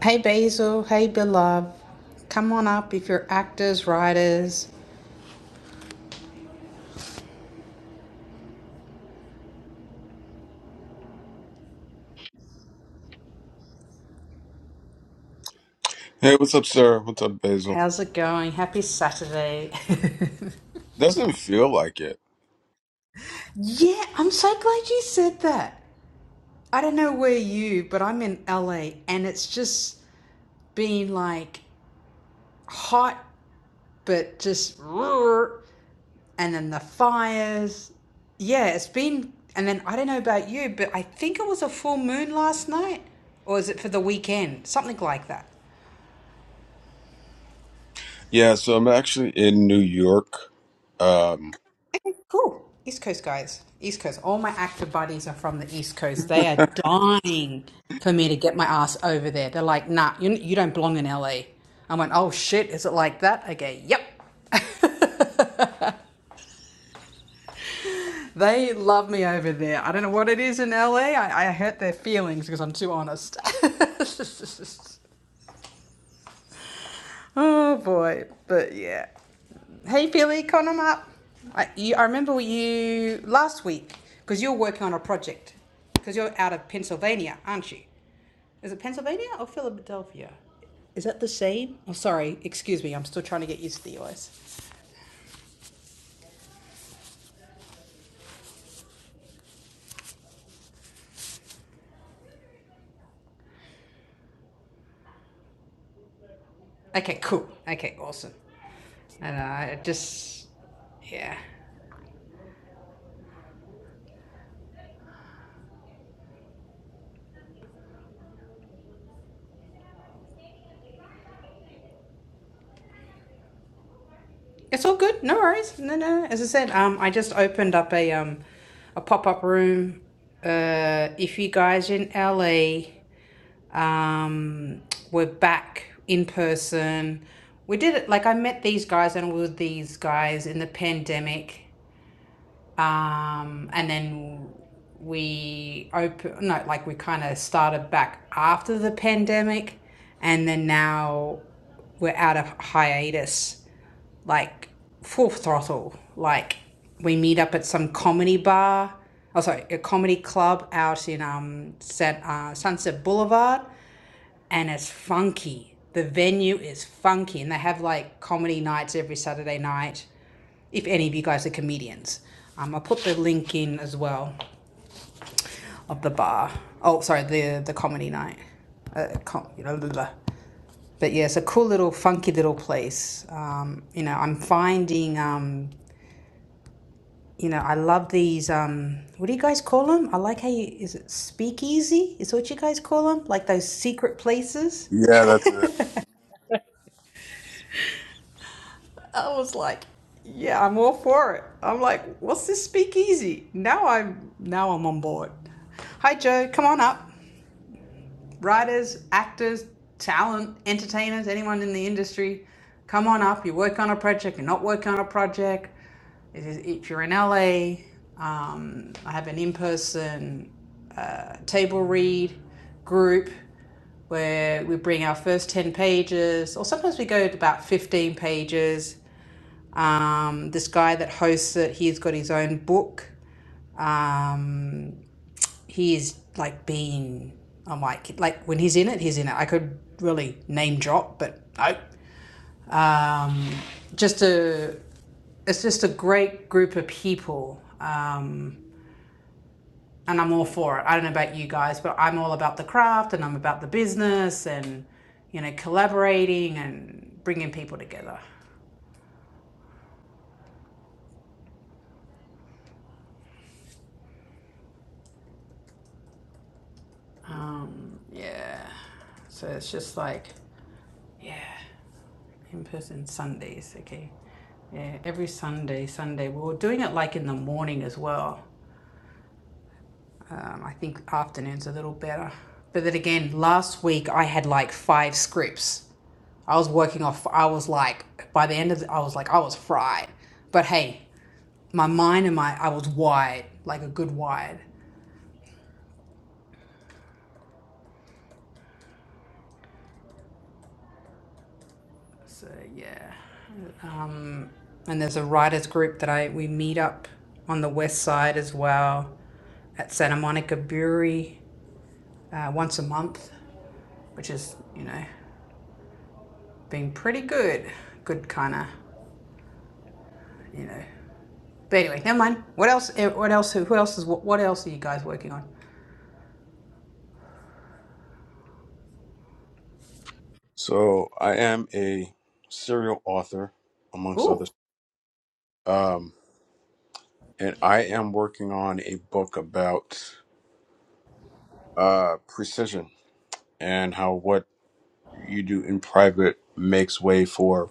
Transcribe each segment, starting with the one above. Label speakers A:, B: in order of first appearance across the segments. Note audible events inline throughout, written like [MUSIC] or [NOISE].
A: Hey Basil, hey beloved. Come on up if you're actors, writers.
B: Hey, what's up, sir? What's up, Basil?
A: How's it going? Happy Saturday. [LAUGHS]
B: Doesn't feel like it.
A: yeah, I'm so glad you said that. I don't know where you, but I'm in LA and it's just been like hot, but just [LAUGHS] roar, and then the fires. Yeah, it's been, and then I don't know about you, but I think it was a full moon last night or is it for the weekend? Something like that.
B: Yeah, so I'm actually in New York. Um,
A: Okay, Cool. East Coast guys. East Coast. All my active buddies are from the East Coast. They are dying for me to get my ass over there. They're like, nah, you, you don't belong in L. A. I went, oh shit, is it like that? Okay, yep. They love me over there. I don't know what it is in LA. hurt their feelings because I'm too honest. [LAUGHS] Oh boy, but yeah. Hey Billy, come up. I, you, I remember you last week because you're working on a project because you're out of Pennsylvania, aren't you? Is it Pennsylvania or Philadelphia? Is that the same? Oh, sorry, excuse me. I'm still trying to get used to the US. Okay, cool. Okay, awesome. And I uh, just, yeah. It's all good. No worries. No, no. As I said, um, I just opened up a um, a pop up room. Uh, if you guys are in LA, um, we're back in person. We did it like I met these guys and with these guys in the pandemic um, and then we open no like we kind of started back after the pandemic and then now we're out of hiatus like full throttle like we meet up at some comedy bar oh sorry a comedy club out in um San, uh, sunset boulevard and it's funky. The venue is funky, and they have like comedy nights every Saturday night. If any of you guys are comedians, um, I'll put the link in as well of the bar. Oh, sorry, the the comedy night. Uh, com- But yeah, it's a cool little funky little place. Um, you know, I'm finding. Um, you know, I love these. Um, what do you guys call them? I like how you is it speakeasy? Is what you guys call them? Like those secret places
B: yeah, that's it.
A: I was like, yeah, I'm all for it. I'm like, what's this speakeasy? Now I'm now I'm on board. Hi Joe, come on up writers, actors, talent, entertainers, anyone in the industry, come on up. You work on a project, you're not working on a project. If if you're in LA, um, I have an in person uh, table read group where we bring our first 10 pages, or sometimes we go to about 15 pages. Um, this guy that hosts it, he's got his own book. Um, he is like being I'm like like when he's in it, he's in it. I could really name drop, but no. Um, just a it's just a great group of people. Um, and I'm all for it. I don't know about you guys, but I'm all about the craft and I'm about the business and you know collaborating and bringing people together. Um, yeah. So it's just like yeah. in person Sundays. Okay, yeah, every Sunday, Sunday we were doing it like in the morning as well. Um, I think afternoons a little better. But then again, last week I had like five scripts. I was working off. I was like, by the end of, the, I was like, I was fried. But hey, my mind and my, I was wide, like a good wide. So yeah. And there's a writers group that I we meet up on the west side as well at Santa Monica Brewery uh, once a month. which is, you know, been pretty good. Good kind of, you know. But anyway, never mind. What else? eh, What else? Who else is? What, what else are you guys working on?
B: So I am a serial author, amongst
A: Ooh.
B: others, um, and I am working on a book about uh, precision and how what you do in private makes way for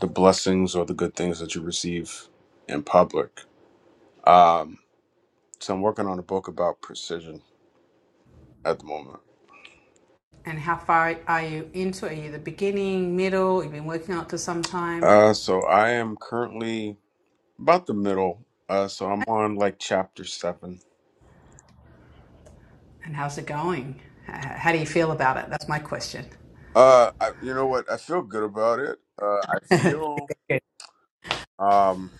B: the blessings or the good things that you receive in public. Um, so I'm working on a book about precision at the moment.
A: And how far are you into? Are you the beginning, middle? You've been working on it for some time.
B: Uh, so I am currently about the middle. Uh, so I'm on like chapter seven.
A: And how's it going? How do you feel about it? That's my question.
B: Uh, I, you know what? I feel good about it. Uh, I feel um,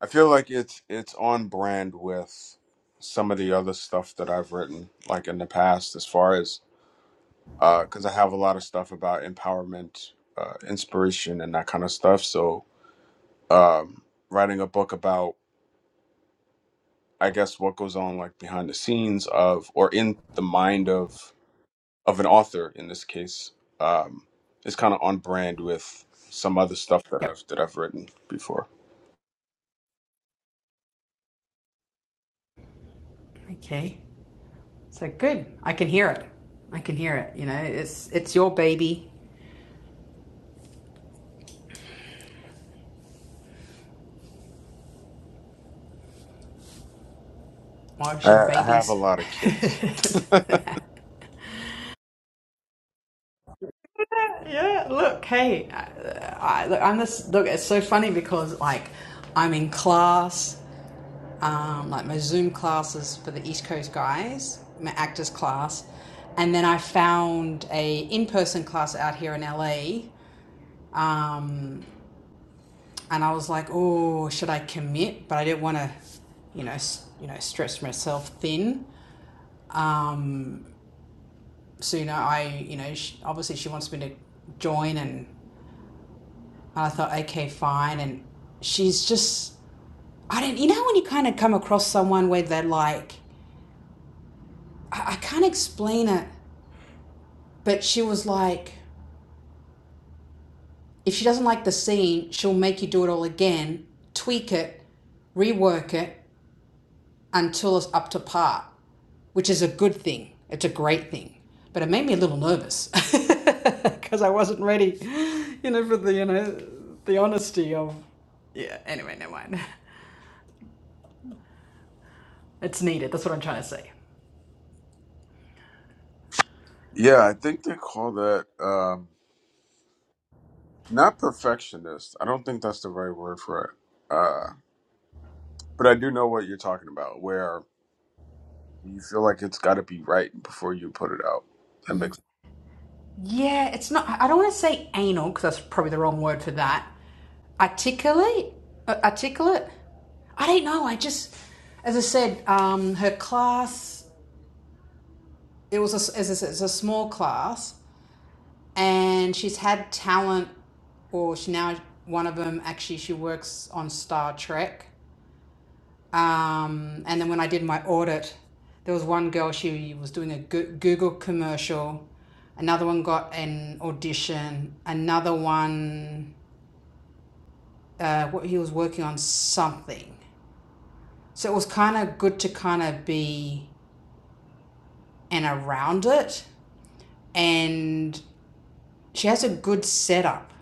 B: I feel like it's it's on brand with some of the other stuff that I've written like in the past, as far as uh, because I have a lot of stuff about empowerment, uh, inspiration, and that kind of stuff. So um, writing a book about I guess what goes on like behind the scenes of or in the mind of of an author in this case um, is kind of on brand with some other stuff that
A: Yep.
B: I've that I've written before.
A: Okay. So good. I can hear it. I can hear it. You know, it's it's your baby. Why
B: I,
A: should
B: I have a
A: babies?
B: lot of kids. [LAUGHS]
A: [LAUGHS] Yeah, look, hey, I, I, look, I'm this. Look, it's so funny because like I'm in class, um, like my Zoom classes for the East Coast guys, my actors class, and then I found a in-person class out here in LA, um, and I was like, oh, should I commit? But I didn't want to, you know, you know, stretch myself thin. Um, so you know, I, you know, sh obviously she wants me to join and I thought, okay, fine. And she's just, I don't, you know, when you kind of come across someone where they're like, I, I can't explain it, but she was like, if she doesn't like the scene, she'll make you do it all again, tweak it, rework it until it's up to par, which is a good thing. It's a great thing. But it made me a little nervous because [LAUGHS] I wasn't ready, you know, for the, you know, the honesty of, yeah, anyway, never mind. [LAUGHS] It's needed. That's what I'm trying to say.
B: Yeah, I think they call that um, not perfectionist. I don't think that's the right word for it. Uh, but I do know what you're talking about, where you feel like it's got to be right before you put it out. That makes
A: Yeah, it's not. I don't want to say anal because that's probably the wrong word for that. Articulate, Uh, articulate. I don't know. I just, as I said, um, her class. It was a, s- as I said, it's a small class, and she's had talent, or she now one of them actually she works on Star Trek. Um, and then when I did my audit, there was one girl, she was doing a Google commercial. Another one got an audition. Another one, uh, what he was working on something. So it was kind of good to kind of be and around it. And she has a good setup.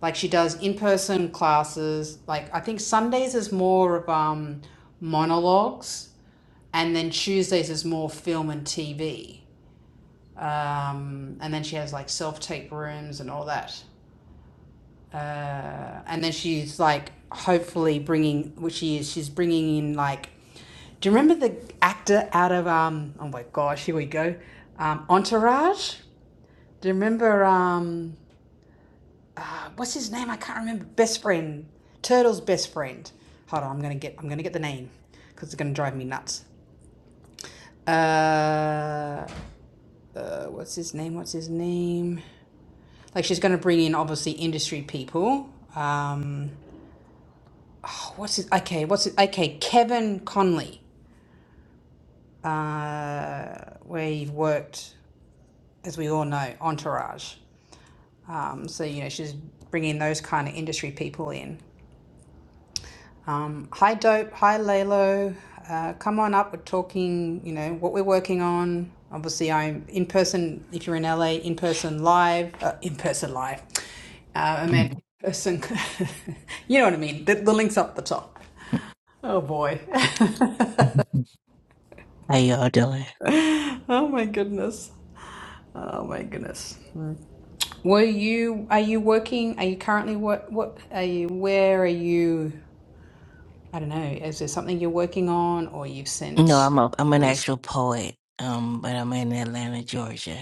A: Like she does in person classes. Like I think Sundays is more of um, monologues, and then Tuesdays is more film and TV um, and then she has like self tape rooms and all that. Uh, and then she's like, hopefully bringing, which she is, she's bringing in like, do you remember the actor out of um? Oh my gosh, here we go, um, Entourage. Do you remember um? uh, What's his name? I can't remember. Best friend, Turtle's best friend. Hold on, I'm gonna get, I'm gonna get the name, because it's gonna drive me nuts. Uh, uh, what's his name? What's his name? Like she's going to bring in obviously industry people. Um, what's it? Okay, what's it? Okay, Kevin Conley. Uh, we've worked, as we all know, Entourage. Um, so you know she's bringing those kind of industry people in. Um, hi, Dope. Hi, Lalo. Uh, come on up. We're talking, you know, what we're working on. Obviously, I'm in person, if you're in LA, in person live, uh, in person live. Uh, I meant
C: How
A: in person, [LAUGHS] you know what I mean. The, the link's up the top. Oh boy.
C: y'all doing?
A: [LAUGHS] oh my goodness. Oh my goodness. Were you, are you working? Are you currently, what, what are you, where are you? I don't know. Is there something you're working on or you've
C: No,
A: sent?
C: I'm a I'm an
A: or you
C: actual poet. Um, but I'm in Atlanta, Georgia.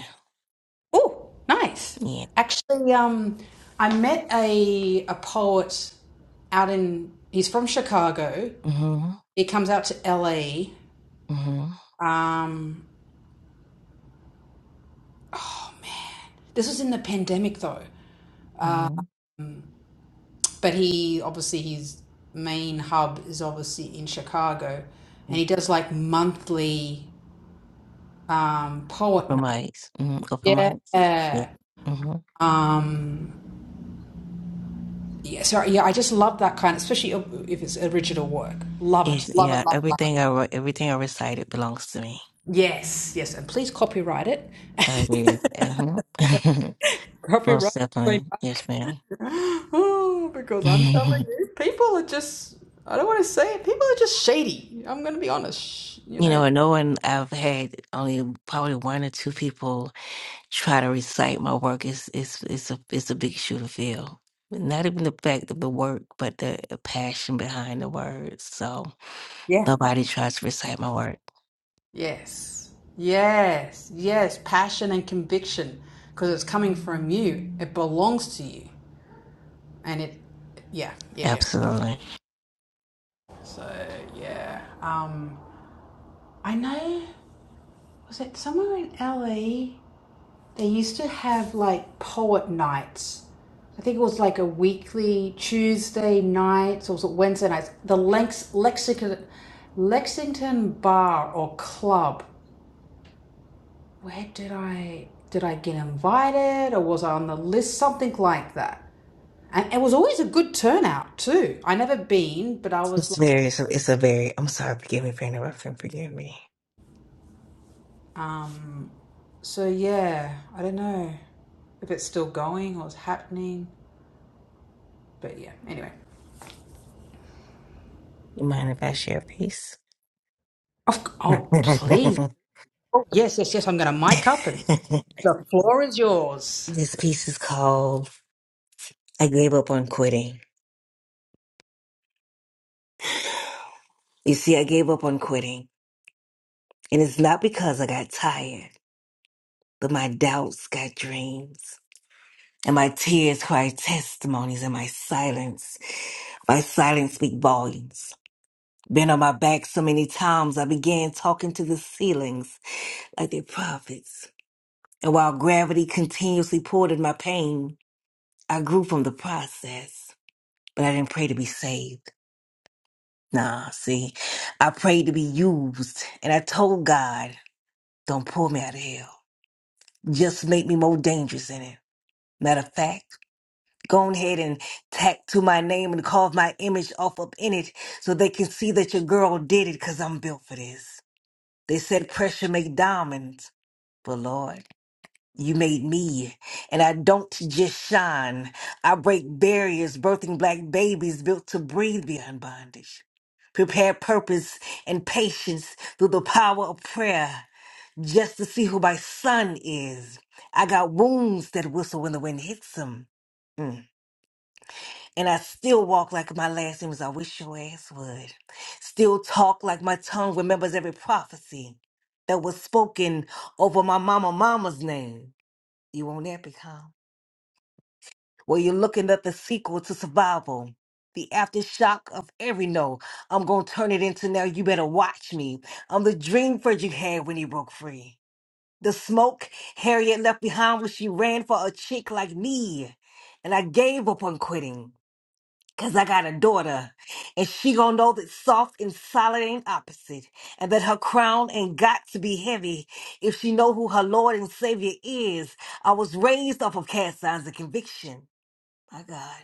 A: Oh, nice.
C: Yeah.
A: Actually, um, I met a a poet out in. He's from Chicago.
C: Mm-hmm.
A: He comes out to LA.
C: Mm-hmm.
A: Um, this was in the pandemic though,
C: Mm-hmm.
A: but he obviously his main hub is obviously in Chicago, and he
C: Mm-hmm. Open
A: does like monthly um, poet
C: mics. Mm-hmm. Open
A: night.
C: mics. Yeah.
A: Yeah.
C: Mm-hmm.
A: Um, yeah. So yeah, I just love that kind, especially if it's original work. Love it.
C: It's,
A: Love
C: yeah.
A: it. Love it. Love it.
C: Everything I wrote, everything I recited belongs to me.
A: Yes, yes, and please copyright it. [LAUGHS]
C: I did. Mm-hmm. [LAUGHS] Most
A: Copyright
C: definitely. Yes, ma'am.
A: it. [GASPS] Oh,
C: [LAUGHS]
A: because I'm telling
C: you
A: you, people are just, I don't want to say it, people are just shady. I'm going to be honest, sh- you know.
C: know, and no one I've had only probably one or two people try to recite my work is is is a is a big shoe to fill. Not even the fact of the work, but the passion behind the words. So
A: Yeah.
C: nobody tries to recite my work.
A: Yes, yes, yes, passion and conviction, because it's coming from you, it belongs to you, and it, yeah, yeah, yeah.
C: Absolutely,
A: So, yeah. Um, I know, was it somewhere in LA? They used to have like poet nights. I think it was like a weekly Tuesday nights or was it Wednesday nights. The Lex- Lexington Lexington bar or club. Where did I did I get invited or was I on the list? Something like that. And it was always a good turnout too. I never been, but I was
C: it's
A: like,
C: very it's a, it's a very. I'm sorry, forgive me for interrupting. Forgive me.
A: um, so yeah, I don't know if it's still going or it's happening. But yeah, anyway.
C: You mind if I share a piece?
A: Of, c-
C: [LAUGHS]
A: oh, please. Oh, yes, yes, yes. I'm going to mic up and the floor is yours.
C: this piece is called "I Gave Up on Quitting." You see, I gave up on quitting, and it's not because I got tired, but my doubts got dreams. And my tears cry testimonies, and my silence, my silence speak volumes. Been on my back so many times, I began talking to the ceilings like their prophets. And while gravity continuously poured in my pain, I grew from the process. But I didn't pray to be saved. Nah, see, I prayed to be used. And I told God, don't pull me out of hell. Just make me more dangerous in it. Matter of fact, Go ahead and tattoo my name and carve my image off up in it so they can see that your girl did it because I'm built for this. They said pressure make diamonds, but Lord, you made me. And I don't just shine. I break barriers, birthing black babies built to breathe beyond bondage. Prepare purpose and patience through the power of prayer just to see who my son is. I got wounds that whistle when the wind hits them. And I still walk like my last name is I wish your ass would. Still talk like my tongue remembers every prophecy that was spoken over my mama mama's name. You want that become? Well, you're looking at the sequel to survival. The aftershock of every no. I'm gonna turn it into now you better watch me. I'm the dream Frederick had when he broke free. The smoke Harriet left behind when she ran for a chick like me. And I gave up on quitting. Cause I got a daughter, and she gonna know that soft and solid ain't opposite, and that her crown ain't got to be heavy if she know who her Lord and Savior is. I was raised off of cast signs of conviction. My God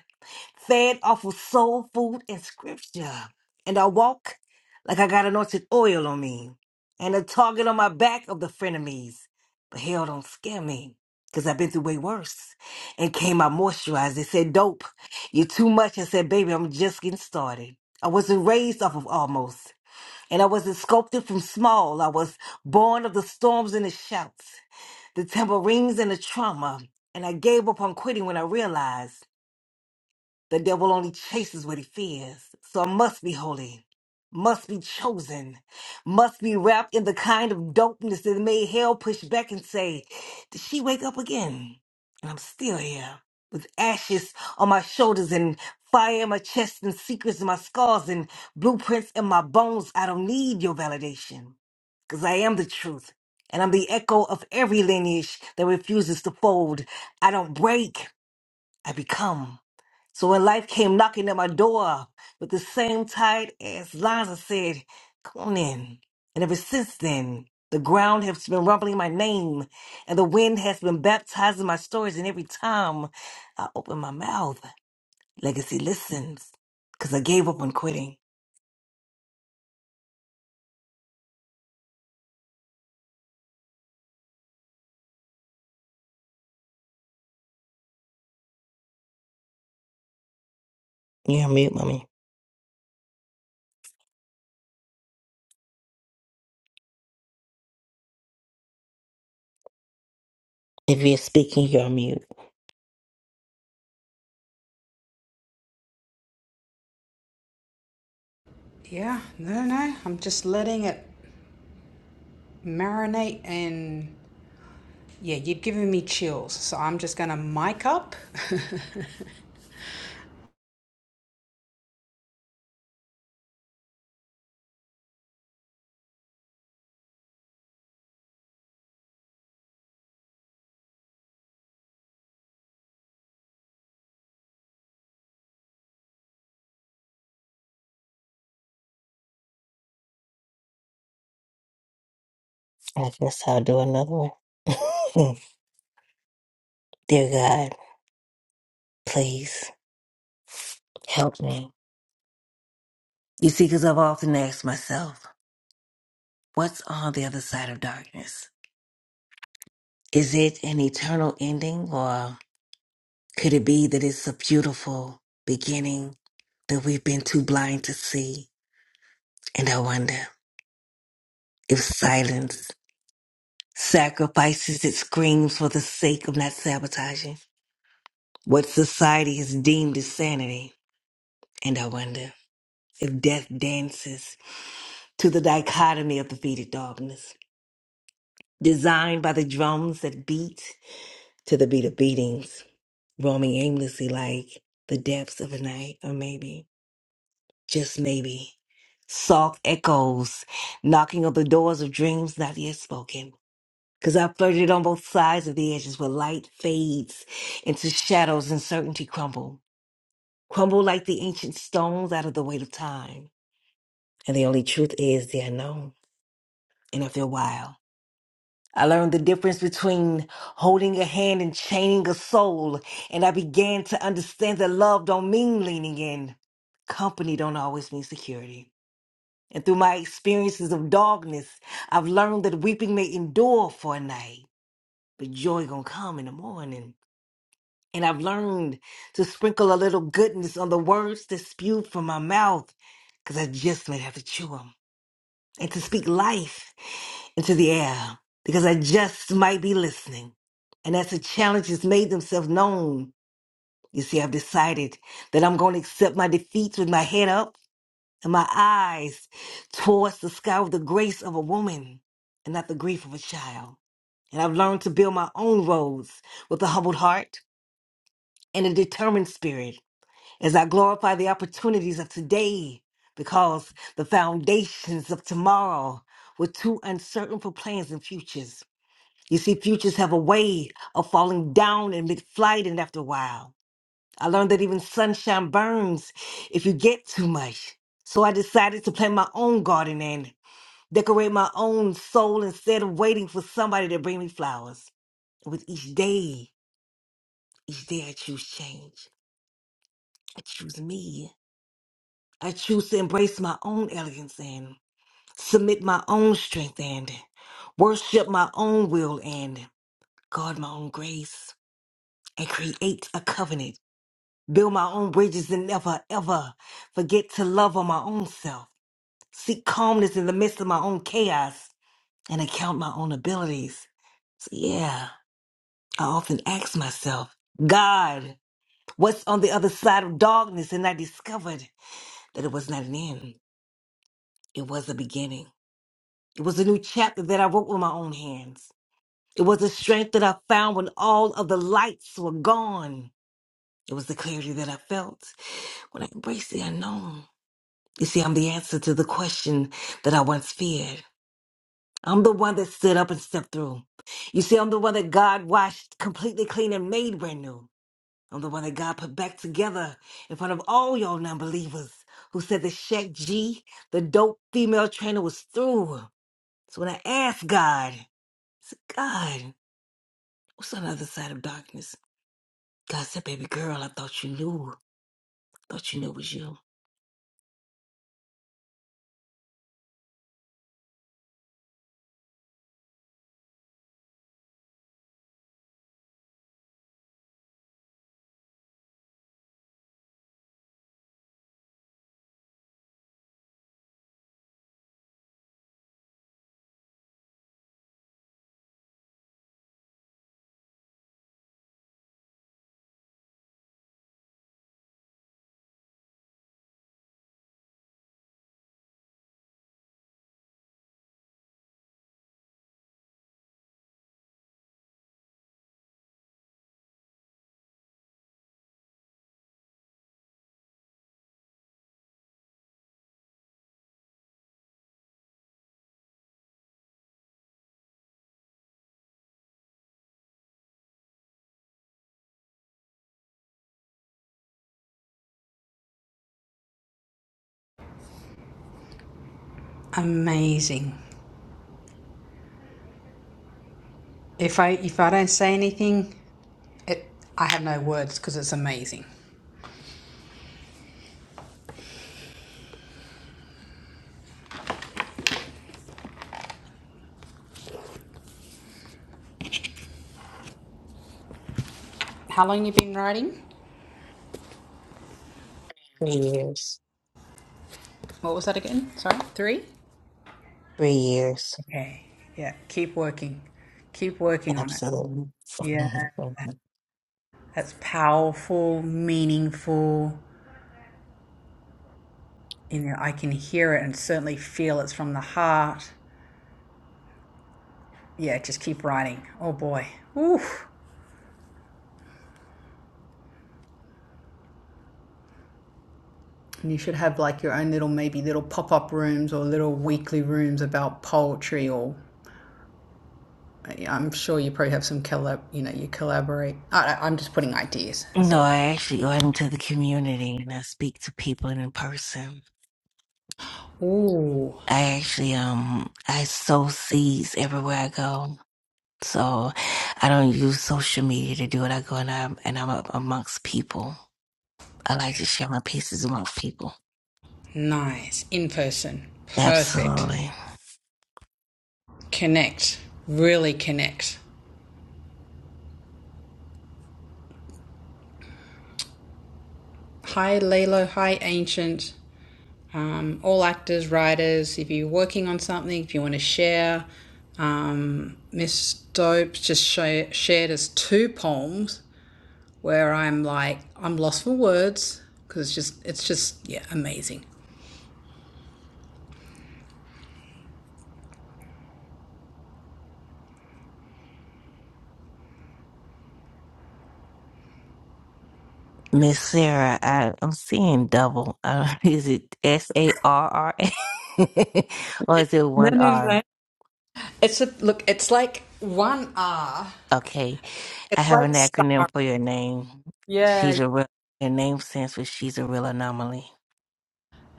C: fed off of soul food and scripture. And I walk like I got anointed oil on me and a target on my back of the frenemies. But hell don't scare me because I've been through way worse and came out moisturized. They said, Dope, you're too much. I said, Baby, I'm just getting started. I wasn't raised off of almost, and I wasn't sculpted from small. I was born of the storms and the shouts, the tambourines and the trauma. And I gave up on quitting when I realized. The devil only chases what he fears. So I must be holy, must be chosen, must be wrapped in the kind of dopeness that made hell push back and say, Did she wake up again? And I'm still here with ashes on my shoulders and fire in my chest and secrets in my scars and blueprints in my bones. I don't need your validation because I am the truth. And I'm the echo of every lineage that refuses to fold. I don't break, I become. So when life came knocking at my door with the same tight ass lines, I said, Come on in. And ever since then, the ground has been rumbling my name, and the wind has been baptizing my stories. And every time I open my mouth, Legacy listens, because I gave up on quitting. You're on mute, mommy. If you're speaking, you're on mute.
A: Yeah, no, no. no. I'm just letting it marinate and yeah, you're giving me chills. So I'm just going to mic up.
C: I guess I'll do another one. [LAUGHS] Dear God, please help me. You see, because I've often asked myself, What's on the other side of darkness? Is it an eternal ending, or could it be that it's a beautiful beginning that we've been too blind to see? And I wonder if silence sacrifices its screams for the sake of not sabotaging what society has deemed as sanity. And I wonder if death dances to the dichotomy of defeated darkness, designed by the drums that beat to the beat of beatings. roaming aimlessly like the depths of a night, or maybe, just maybe, soft echoes knocking on the doors of dreams not yet spoken. Cause I flirted on both sides of the edges where light fades into shadows and certainty crumble, crumble like the ancient stones out of the weight of time. And the only truth is they're known. And if they're wild. I learned the difference between holding a hand and chaining a soul, and I began to understand that love don't mean leaning in. Company don't always mean security. And through my experiences of darkness, I've learned that weeping may endure for a night, but joy gonna come in the morning. And I've learned to sprinkle a little goodness on the words that spew from my mouth, 'cause I just may have to chew 'em and to speak life into the air because I just might be listening. And as the challenges made themselves known, you see, I've decided that I'm going to accept my defeats with my head up and my eyes towards the sky with the grace of a woman and not the grief of a child. And I've learned to build my own roads with a humbled heart and a determined spirit as I glorify the opportunities of today because the foundations of tomorrow were too uncertain for plans and futures. You see, futures have a way of falling down in mid flight, and after a while, I learned that even sunshine burns if you get too much. So I decided to plant my own garden and decorate my own soul instead of waiting for somebody to bring me flowers. With each day, each day I choose change. I choose me. I choose to embrace my own elegance and submit my own strength and worship my own will and guard my own grace and create a covenant. Build my own bridges and never, ever forget to love on my own self. Seek calmness in the midst of my own chaos and account my own abilities. So, yeah, I often ask myself, God, what's on the other side of darkness? And I discovered that it was not an end, it was a beginning. It was a new chapter that I wrote with my own hands. It was the strength that I found when all of the lights were gone. It was the clarity that I felt when I embraced the unknown. You see, I'm the answer to the question that I once feared. I'm the one that stood up and stepped through. You see, I'm the one that God washed completely clean and made brand new. I'm the one that God put back together in front of all y'all non believers who said the Shaq G, the dope female trainer, was through. So when I asked God, I said, God. What's on the other side of darkness? God said, baby girl, I thought you knew. I thought you knew it was you.
A: [LAUGHS] amazing. If I if I don't say anything, it I have no words because it's amazing. How long you been writing?
C: Three years.
A: What was that again? Sorry, three.
C: Three years.
A: Okay. Yeah. Keep working. Keep working on it.
C: Absolutely. [LAUGHS]
A: Yeah. That's powerful, meaningful. you know, I can hear it and certainly feel it's from the heart. Yeah, just keep writing. Oh boy. Oof. And you should have like your own little, maybe little pop up rooms or little weekly rooms about poetry or. uh, I'm sure you probably have some collab, you know, you collaborate. I, I- am just putting ideas, that's
C: No,
A: all.
C: I actually go out into the community and I speak to people in person.
A: Ooh,
C: I actually um I sow seeds everywhere I go. So I don't use social media to do it. I go and I'm and I'm amongst people. I like to share my pieces amongst people.
A: nice. In person. Perfect.
C: Absolutely.
A: Connect. Really connect. Hi, Lalo. Hi, Ancient. Um, all actors, writers, if you're working on something, if you want to share, um, Miss Dopes just sh- shared us two poems where I'm like, I'm lost for words because it's just, it's just, yeah, amazing.
C: Miss Sarah, I, I'm seeing double. Uh, [LAUGHS] is it S A R R A [LAUGHS] or is it
A: No,
C: one
A: no,
C: R?
A: no. It's a look. It's like one R.
C: Okay, I
A: It's
C: have
A: like
C: an
A: Sarah.
C: acronym for your name.
A: Yeah.
C: She's a real, your name stands for she's a real anomaly.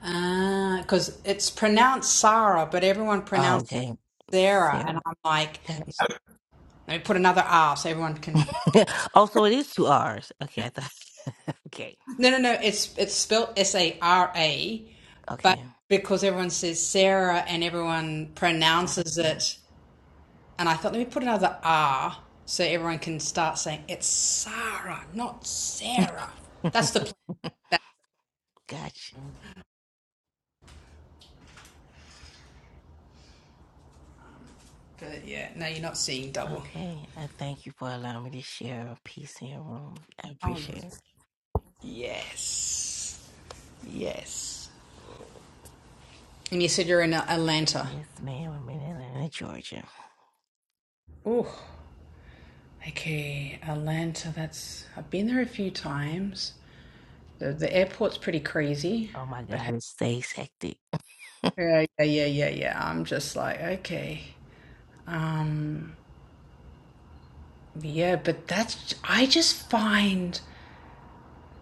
A: Ah, because it's pronounced Sarah, but everyone
C: Oh,
A: pronounced
C: okay,
A: Sarah, and
C: Sarah.
A: I'm like,
C: Gotcha.
A: let me put another R so everyone can
C: [LAUGHS] oh, so it is two R's. Okay, I thought. [LAUGHS] okay,
A: No, no, no. It's it's spelled S A R A, but
C: okay,
A: because everyone says Sarah and everyone pronounces
C: gotcha.
A: it, and I thought let me put another R so everyone can start saying it's Sarah, not Sarah. That's the plan.
C: [LAUGHS]
A: That's
C: gotcha.
A: good. Yeah. No, you're not seeing double.
C: Okay, I thank you for allowing me to share a piece in your room. I appreciate it.
A: Yes. Yes. And you said you're in Atlanta.
C: Yes, ma'am. I'm in Atlanta, Georgia.
A: Oh, okay. Atlanta. That's I've been there a few times. The the airport's pretty crazy,
C: Oh my
A: but. Hey,
C: God, it stays hectic.
A: Yeah, yeah, yeah, yeah, yeah. I'm just like, okay. Um, yeah, but that's, I just find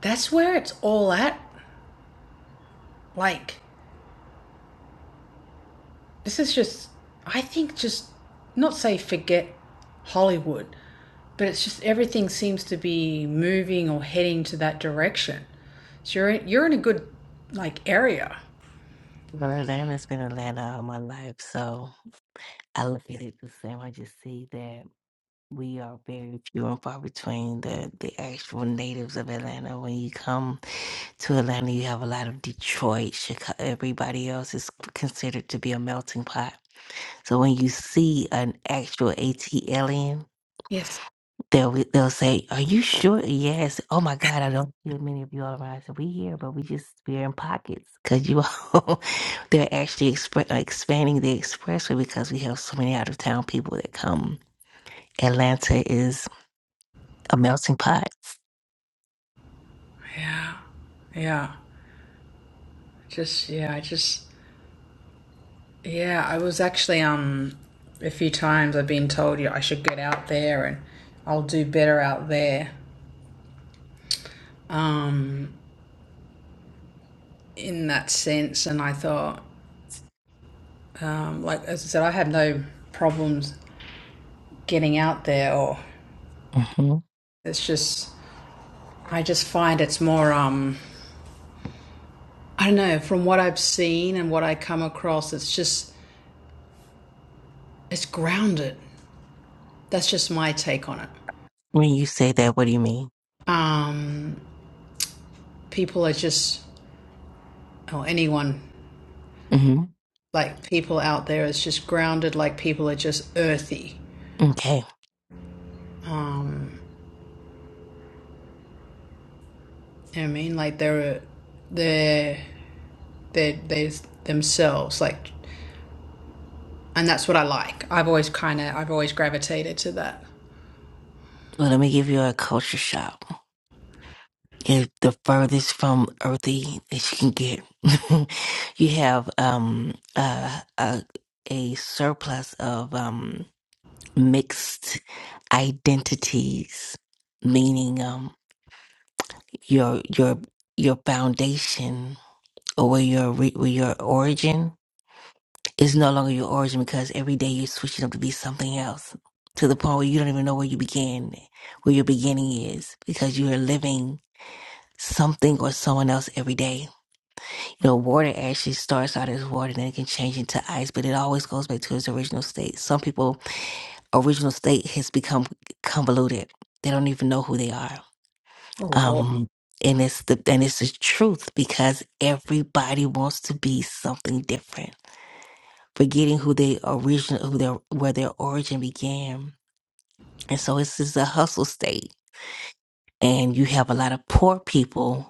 A: that's where it's all at. Like, this is just, I think just not say forget Hollywood, but it's just everything seems to be moving or heading to that direction. So you're in, you're in a good like area.
C: But Atlanta's been Atlanta all my life, so I look at it the same. I just see that we are very few and far between the the actual natives of Atlanta. When you come to Atlanta, you have a lot of Detroit, Chicago. Everybody else is considered to be a melting pot. So when you see an actual AT
A: Yes.
C: They'll be- they'll say, "Are you sure?" Yes. Oh my God, I don't see many of you all around. I said, "We here, but we just we're in pockets because you all [LAUGHS] they're actually expre- uh, expanding the expressway because we have so many out of town people that come. Atlanta is a melting pot.
A: Yeah. Yeah. Just yeah, I just Yeah, I was actually um a few times I've been told you I should get out there and I'll do better out there. Um in that sense and I thought um like as I said I have no problems getting out there or
C: hmm
A: it's just I just find it's more um I don't know from what I've seen and what I come across it's just it's grounded. That's just my take on it.
C: When you say that, what do you mean?
A: Um people are just or anyone
C: hmm
A: like people out there is just grounded like people are just earthy
C: Okay.
A: um you know what i mean like they're they're they're, they're themselves like and that's what i like i've always kind of i've always gravitated to that
C: Well, let me give you a culture shock. is the furthest from earthy that you can get. [LAUGHS] you have um uh, a a surplus of um mixed identities, meaning um your your your foundation or where your re- where your origin is no longer your origin because every day you're switching up to be something else to the point where you don't even know where you began, where your beginning is because you are living something or someone else every day You know, water actually starts out as water and it can change into ice, but it always goes back to its original state. Some people, original state has become convoluted. They don't even know who they are.
A: Oh, wow.
C: Um, and it's the and it's the truth because everybody wants to be something different, forgetting who they original who their where their origin began. And so it's just a hustle state. And you have a lot of poor people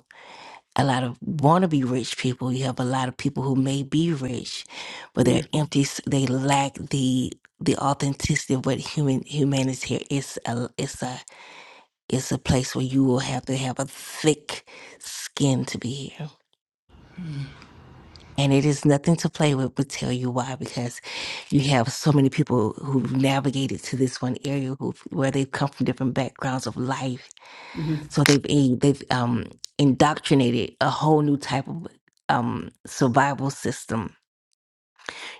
C: a lot of wannabe rich people. You have a lot of people who may be rich, but they're empty. They lack the the authenticity of what human humanity here. It's a it's a it's a place where you will have to have a thick skin to be here. And it is nothing to play with, but tell you why, because you have so many people who've navigated to this one area who where they've come from different backgrounds of life
A: hmm
C: So they've in- they've um, indoctrinated a whole new type of um, survival system.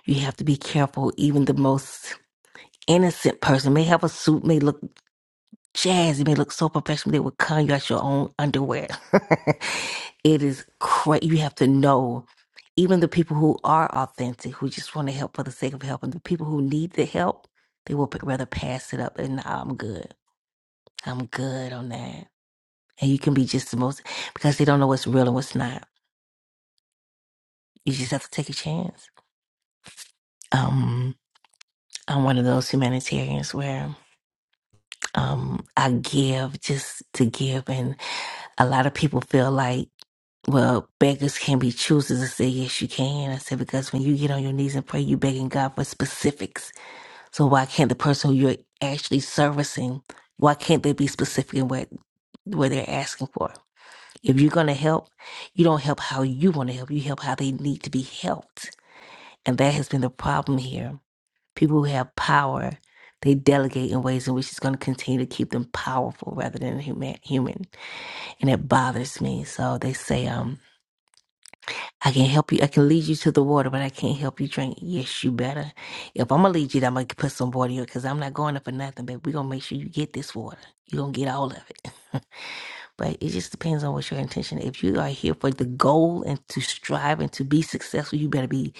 C: You have to be careful. Even the most innocent person may have a suit, may look jazzy, may look so professional. They will con you out your own underwear. [LAUGHS] it is crazy. You have to know. Even the people who are authentic, who just want to help for the sake of helping, the people who need the help, they will p- rather pass it up and "Nah, I'm good. I'm good on that. and you can be just the most because they don't know what's real and what's not. You just have to take a chance. Um, I'm one of those humanitarians where um, I give just to give, and a lot of people feel like, well, beggars can be choosers. I say, yes, you can. I said because when you get on your knees and pray, you begging God for specifics. So why can't the person who you're actually servicing, why can't they be specific in what what they're asking for? If you're going to help, you don't help how you want to help. You help how they need to be helped. And that has been the problem here. People who have power, they delegate in ways in which it's going to continue to keep them powerful rather than human. human. And it bothers me. So they say, um, I can help you. I can lead you to the water, but I can't help you drink. Yes, you better. If I'm going to lead you, I'm going to put some water here because I'm not going up for nothing, but we're going to make sure you get this water. You're going to get all of it. [LAUGHS] But it just depends on what your intention. If you are here for the goal and to strive and to be successful, you better be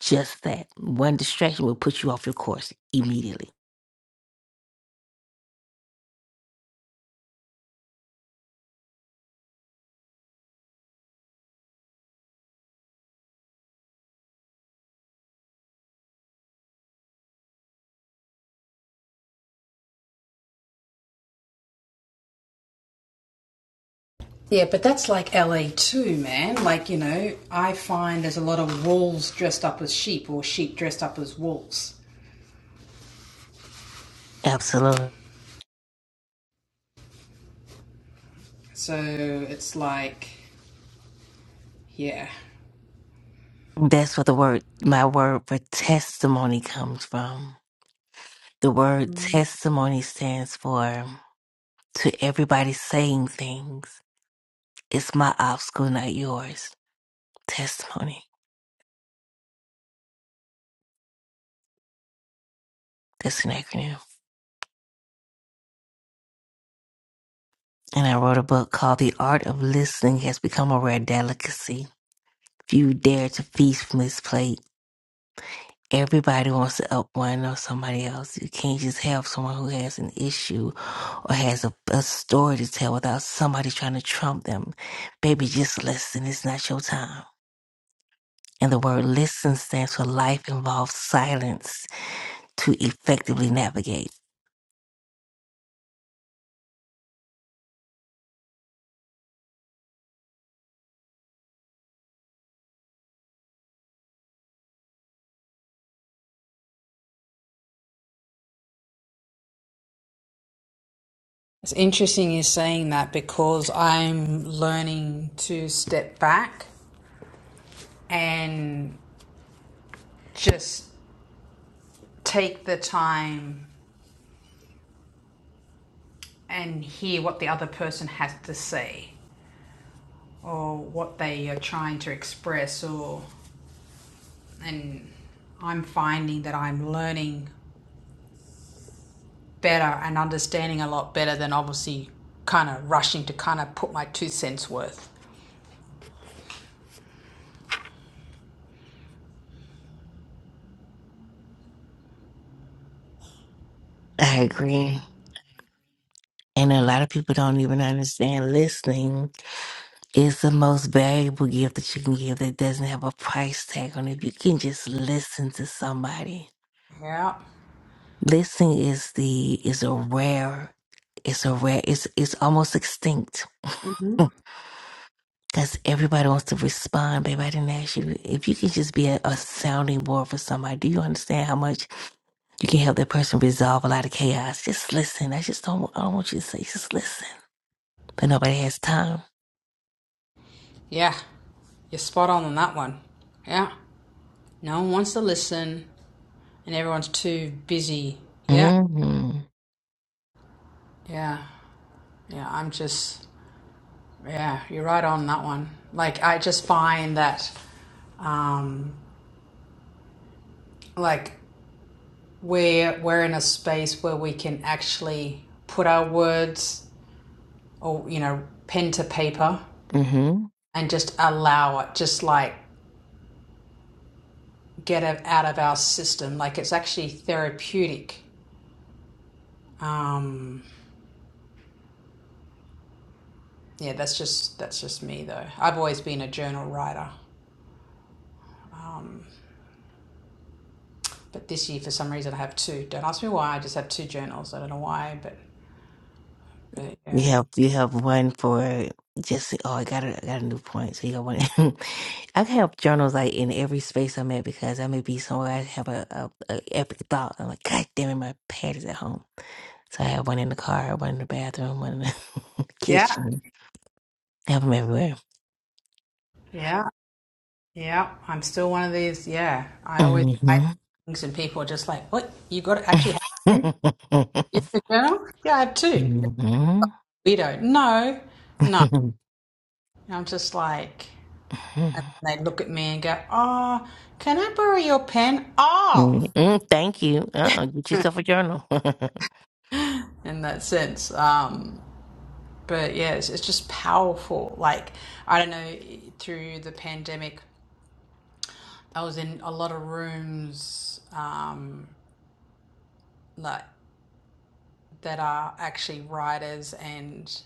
C: just that. One distraction will put you off your course immediately.
A: yeah but that's like la too man like you know i find there's a lot of wolves dressed up as sheep or sheep dressed up as wolves
C: Absolutely.
A: so it's like yeah
C: That's what the word, my word for testimony comes from. The word testimony stands for to everybody saying things. It's my obstacle, not yours. Testimony. That's an acronym. And I wrote a book called The Art of Listening Has Become a Rare Delicacy If you dare to feast from this plate, everybody wants to up one or somebody else. You can't just have someone who has an issue or has a, a story to tell without somebody trying to trump them. Baby, just listen. It's not your time. And the word listen stands for life involves silence to effectively navigate.
A: It's interesting you saying that because I'm learning to step back and just take the time and hear what the other person has to say or what they are trying to express or and I'm finding that I'm learning better and understanding a lot better than obviously kind of rushing to kind of put my two cents worth.
C: I agree. And a lot of people don't even understand listening is the most valuable gift that you can give that doesn't have a price tag on it. If you can just listen to somebody
A: Yeah.
C: Listening is the is a rare it's a rare it's it's almost extinct
A: hmm
C: [LAUGHS] because everybody wants to respond babe i didn't ask you if you can just be a, a sounding board for somebody do you understand how much you can help that person resolve a lot of chaos just listen i just don't i don't want you to say just listen but nobody has time
A: Yeah. You're spot on on that one. Yeah. No one wants to listen, and everyone's too busy. Yeah,
C: mm-hmm
A: yeah, yeah. I'm just, yeah, you're right on that one. Like, I just find that, um, like, we're we're in a space where we can actually put our words or you know pen to paper
C: Mm-hmm.
A: and just allow it, just like get it out of our system. Like, it's actually therapeutic. Um, yeah, that's just that's just me though. I've always been a journal writer. But this year, for some reason, I have two. Don't ask me why. I just have two journals. I don't know why, but, but
C: You
A: yeah.
C: have you have one for just oh I got a, I got a new point so you got one. [LAUGHS] I have journals like in every space I'm at because I may be somewhere I have a, a, a epic thought I'm like God damn it my pad is at home so I have one in the car one in the bathroom one in the [LAUGHS]
A: Yeah,
C: kitchen I have them everywhere.
A: yeah, yeah. I'm still one of these. Yeah, I always write
C: hmm
A: things, and people are just like, "What? You got to actually have them? You have a journal? Yeah, I have two.
C: hmm
A: We don't. No, no. And I'm just like,
C: hmm
A: and they look at me and go, "Oh, can I borrow your pen?
C: [LAUGHS]
A: Oh,
C: Thank you. Uh-uh. Get yourself a journal. [LAUGHS]
A: in that sense. Um, but yeah, it's, it's just powerful. Like I don't know, through the pandemic. I was in a lot of rooms um, like that are actually writers and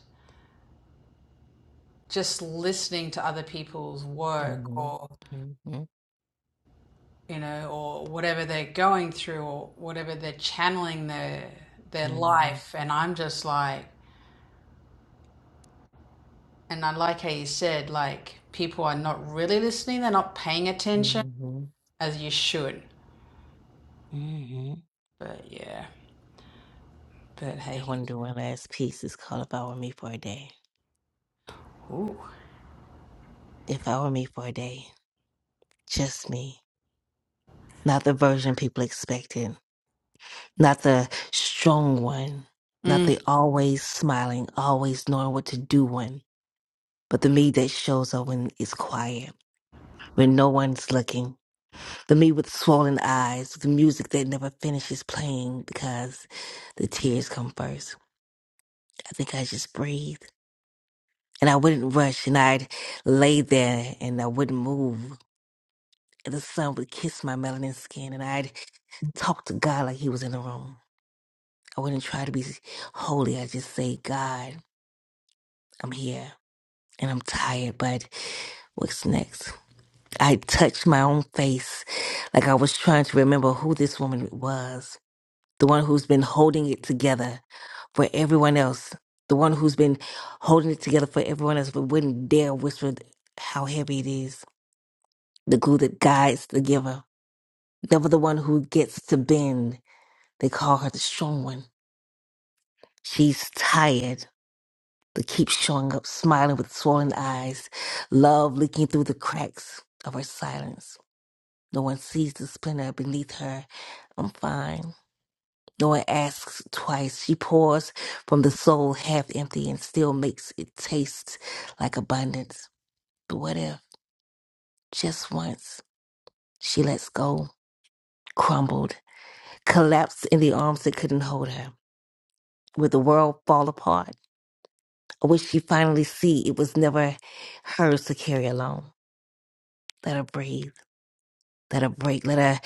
A: just listening to other people's work
C: hmm
A: or
C: hmm
A: you know or whatever they're going through or whatever they're channeling their their
C: hmm
A: life and I'm just like and I like how you said like people are not really listening they're not paying attention
C: hmm
A: as you should
C: hmm
A: but yeah but
C: I
A: hey
C: want to do one last piece. It's called If I Were Me for a Day.
A: ooh
C: If I Were Me for a Day, just me. Not the version people expected, not the strong one, not
A: mm.
C: the always smiling, always knowing what to do one, but the me that shows up when it's quiet, when no one's looking. The me with swollen eyes, The music that never finishes playing because the tears come first. I think I just breathed. And I wouldn't rush, and I'd lay there and I wouldn't move. the sun would kiss my melanin skin, and I'd talk to God like He was in the room. I wouldn't try to be holy. I just say, God, I'm here and I'm tired, but what's next? I touched my own face like I was trying to remember who this woman was, the one who's been holding it together for everyone else, the one who's been holding it together for everyone else, but wouldn't dare whisper how heavy it is, the glue that guides the giver, never the one who gets to bend They call her the strong one. She's tired, but keeps showing up, smiling with swollen eyes, love leaking through the cracks of her silence. No one sees the splinter beneath her. I'm fine. No one asks twice. She pours from the soul half empty and still makes it taste like abundance. But what if, just once, she lets go, crumbled, collapsed in the arms that couldn't hold her? Would the world fall apart? What she finally see, it was never hers to carry alone. Let her breathe. Let her break. Let her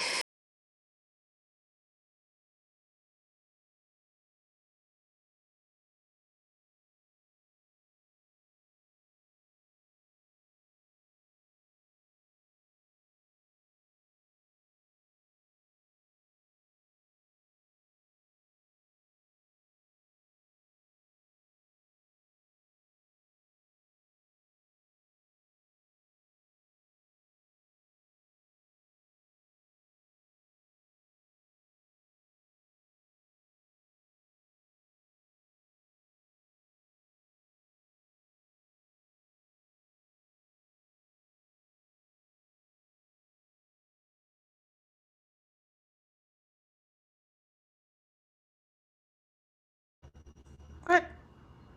A: what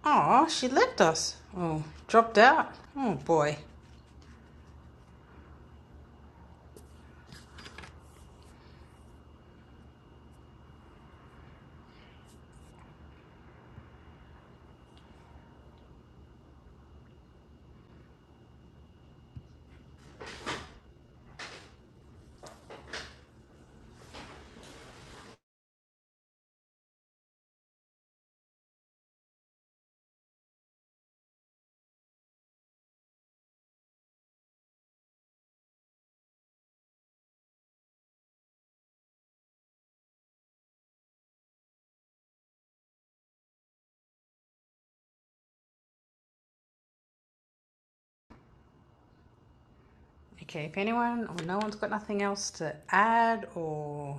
A: Aw, she left us. Oh, dropped out. Oh boy. Okay, if anyone or no one's got nothing else to add or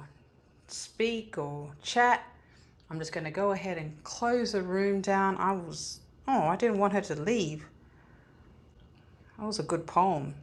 A: speak or chat, I'm just going to go ahead and close the room down. I was. Oh, I didn't want her to leave. That was a good poem.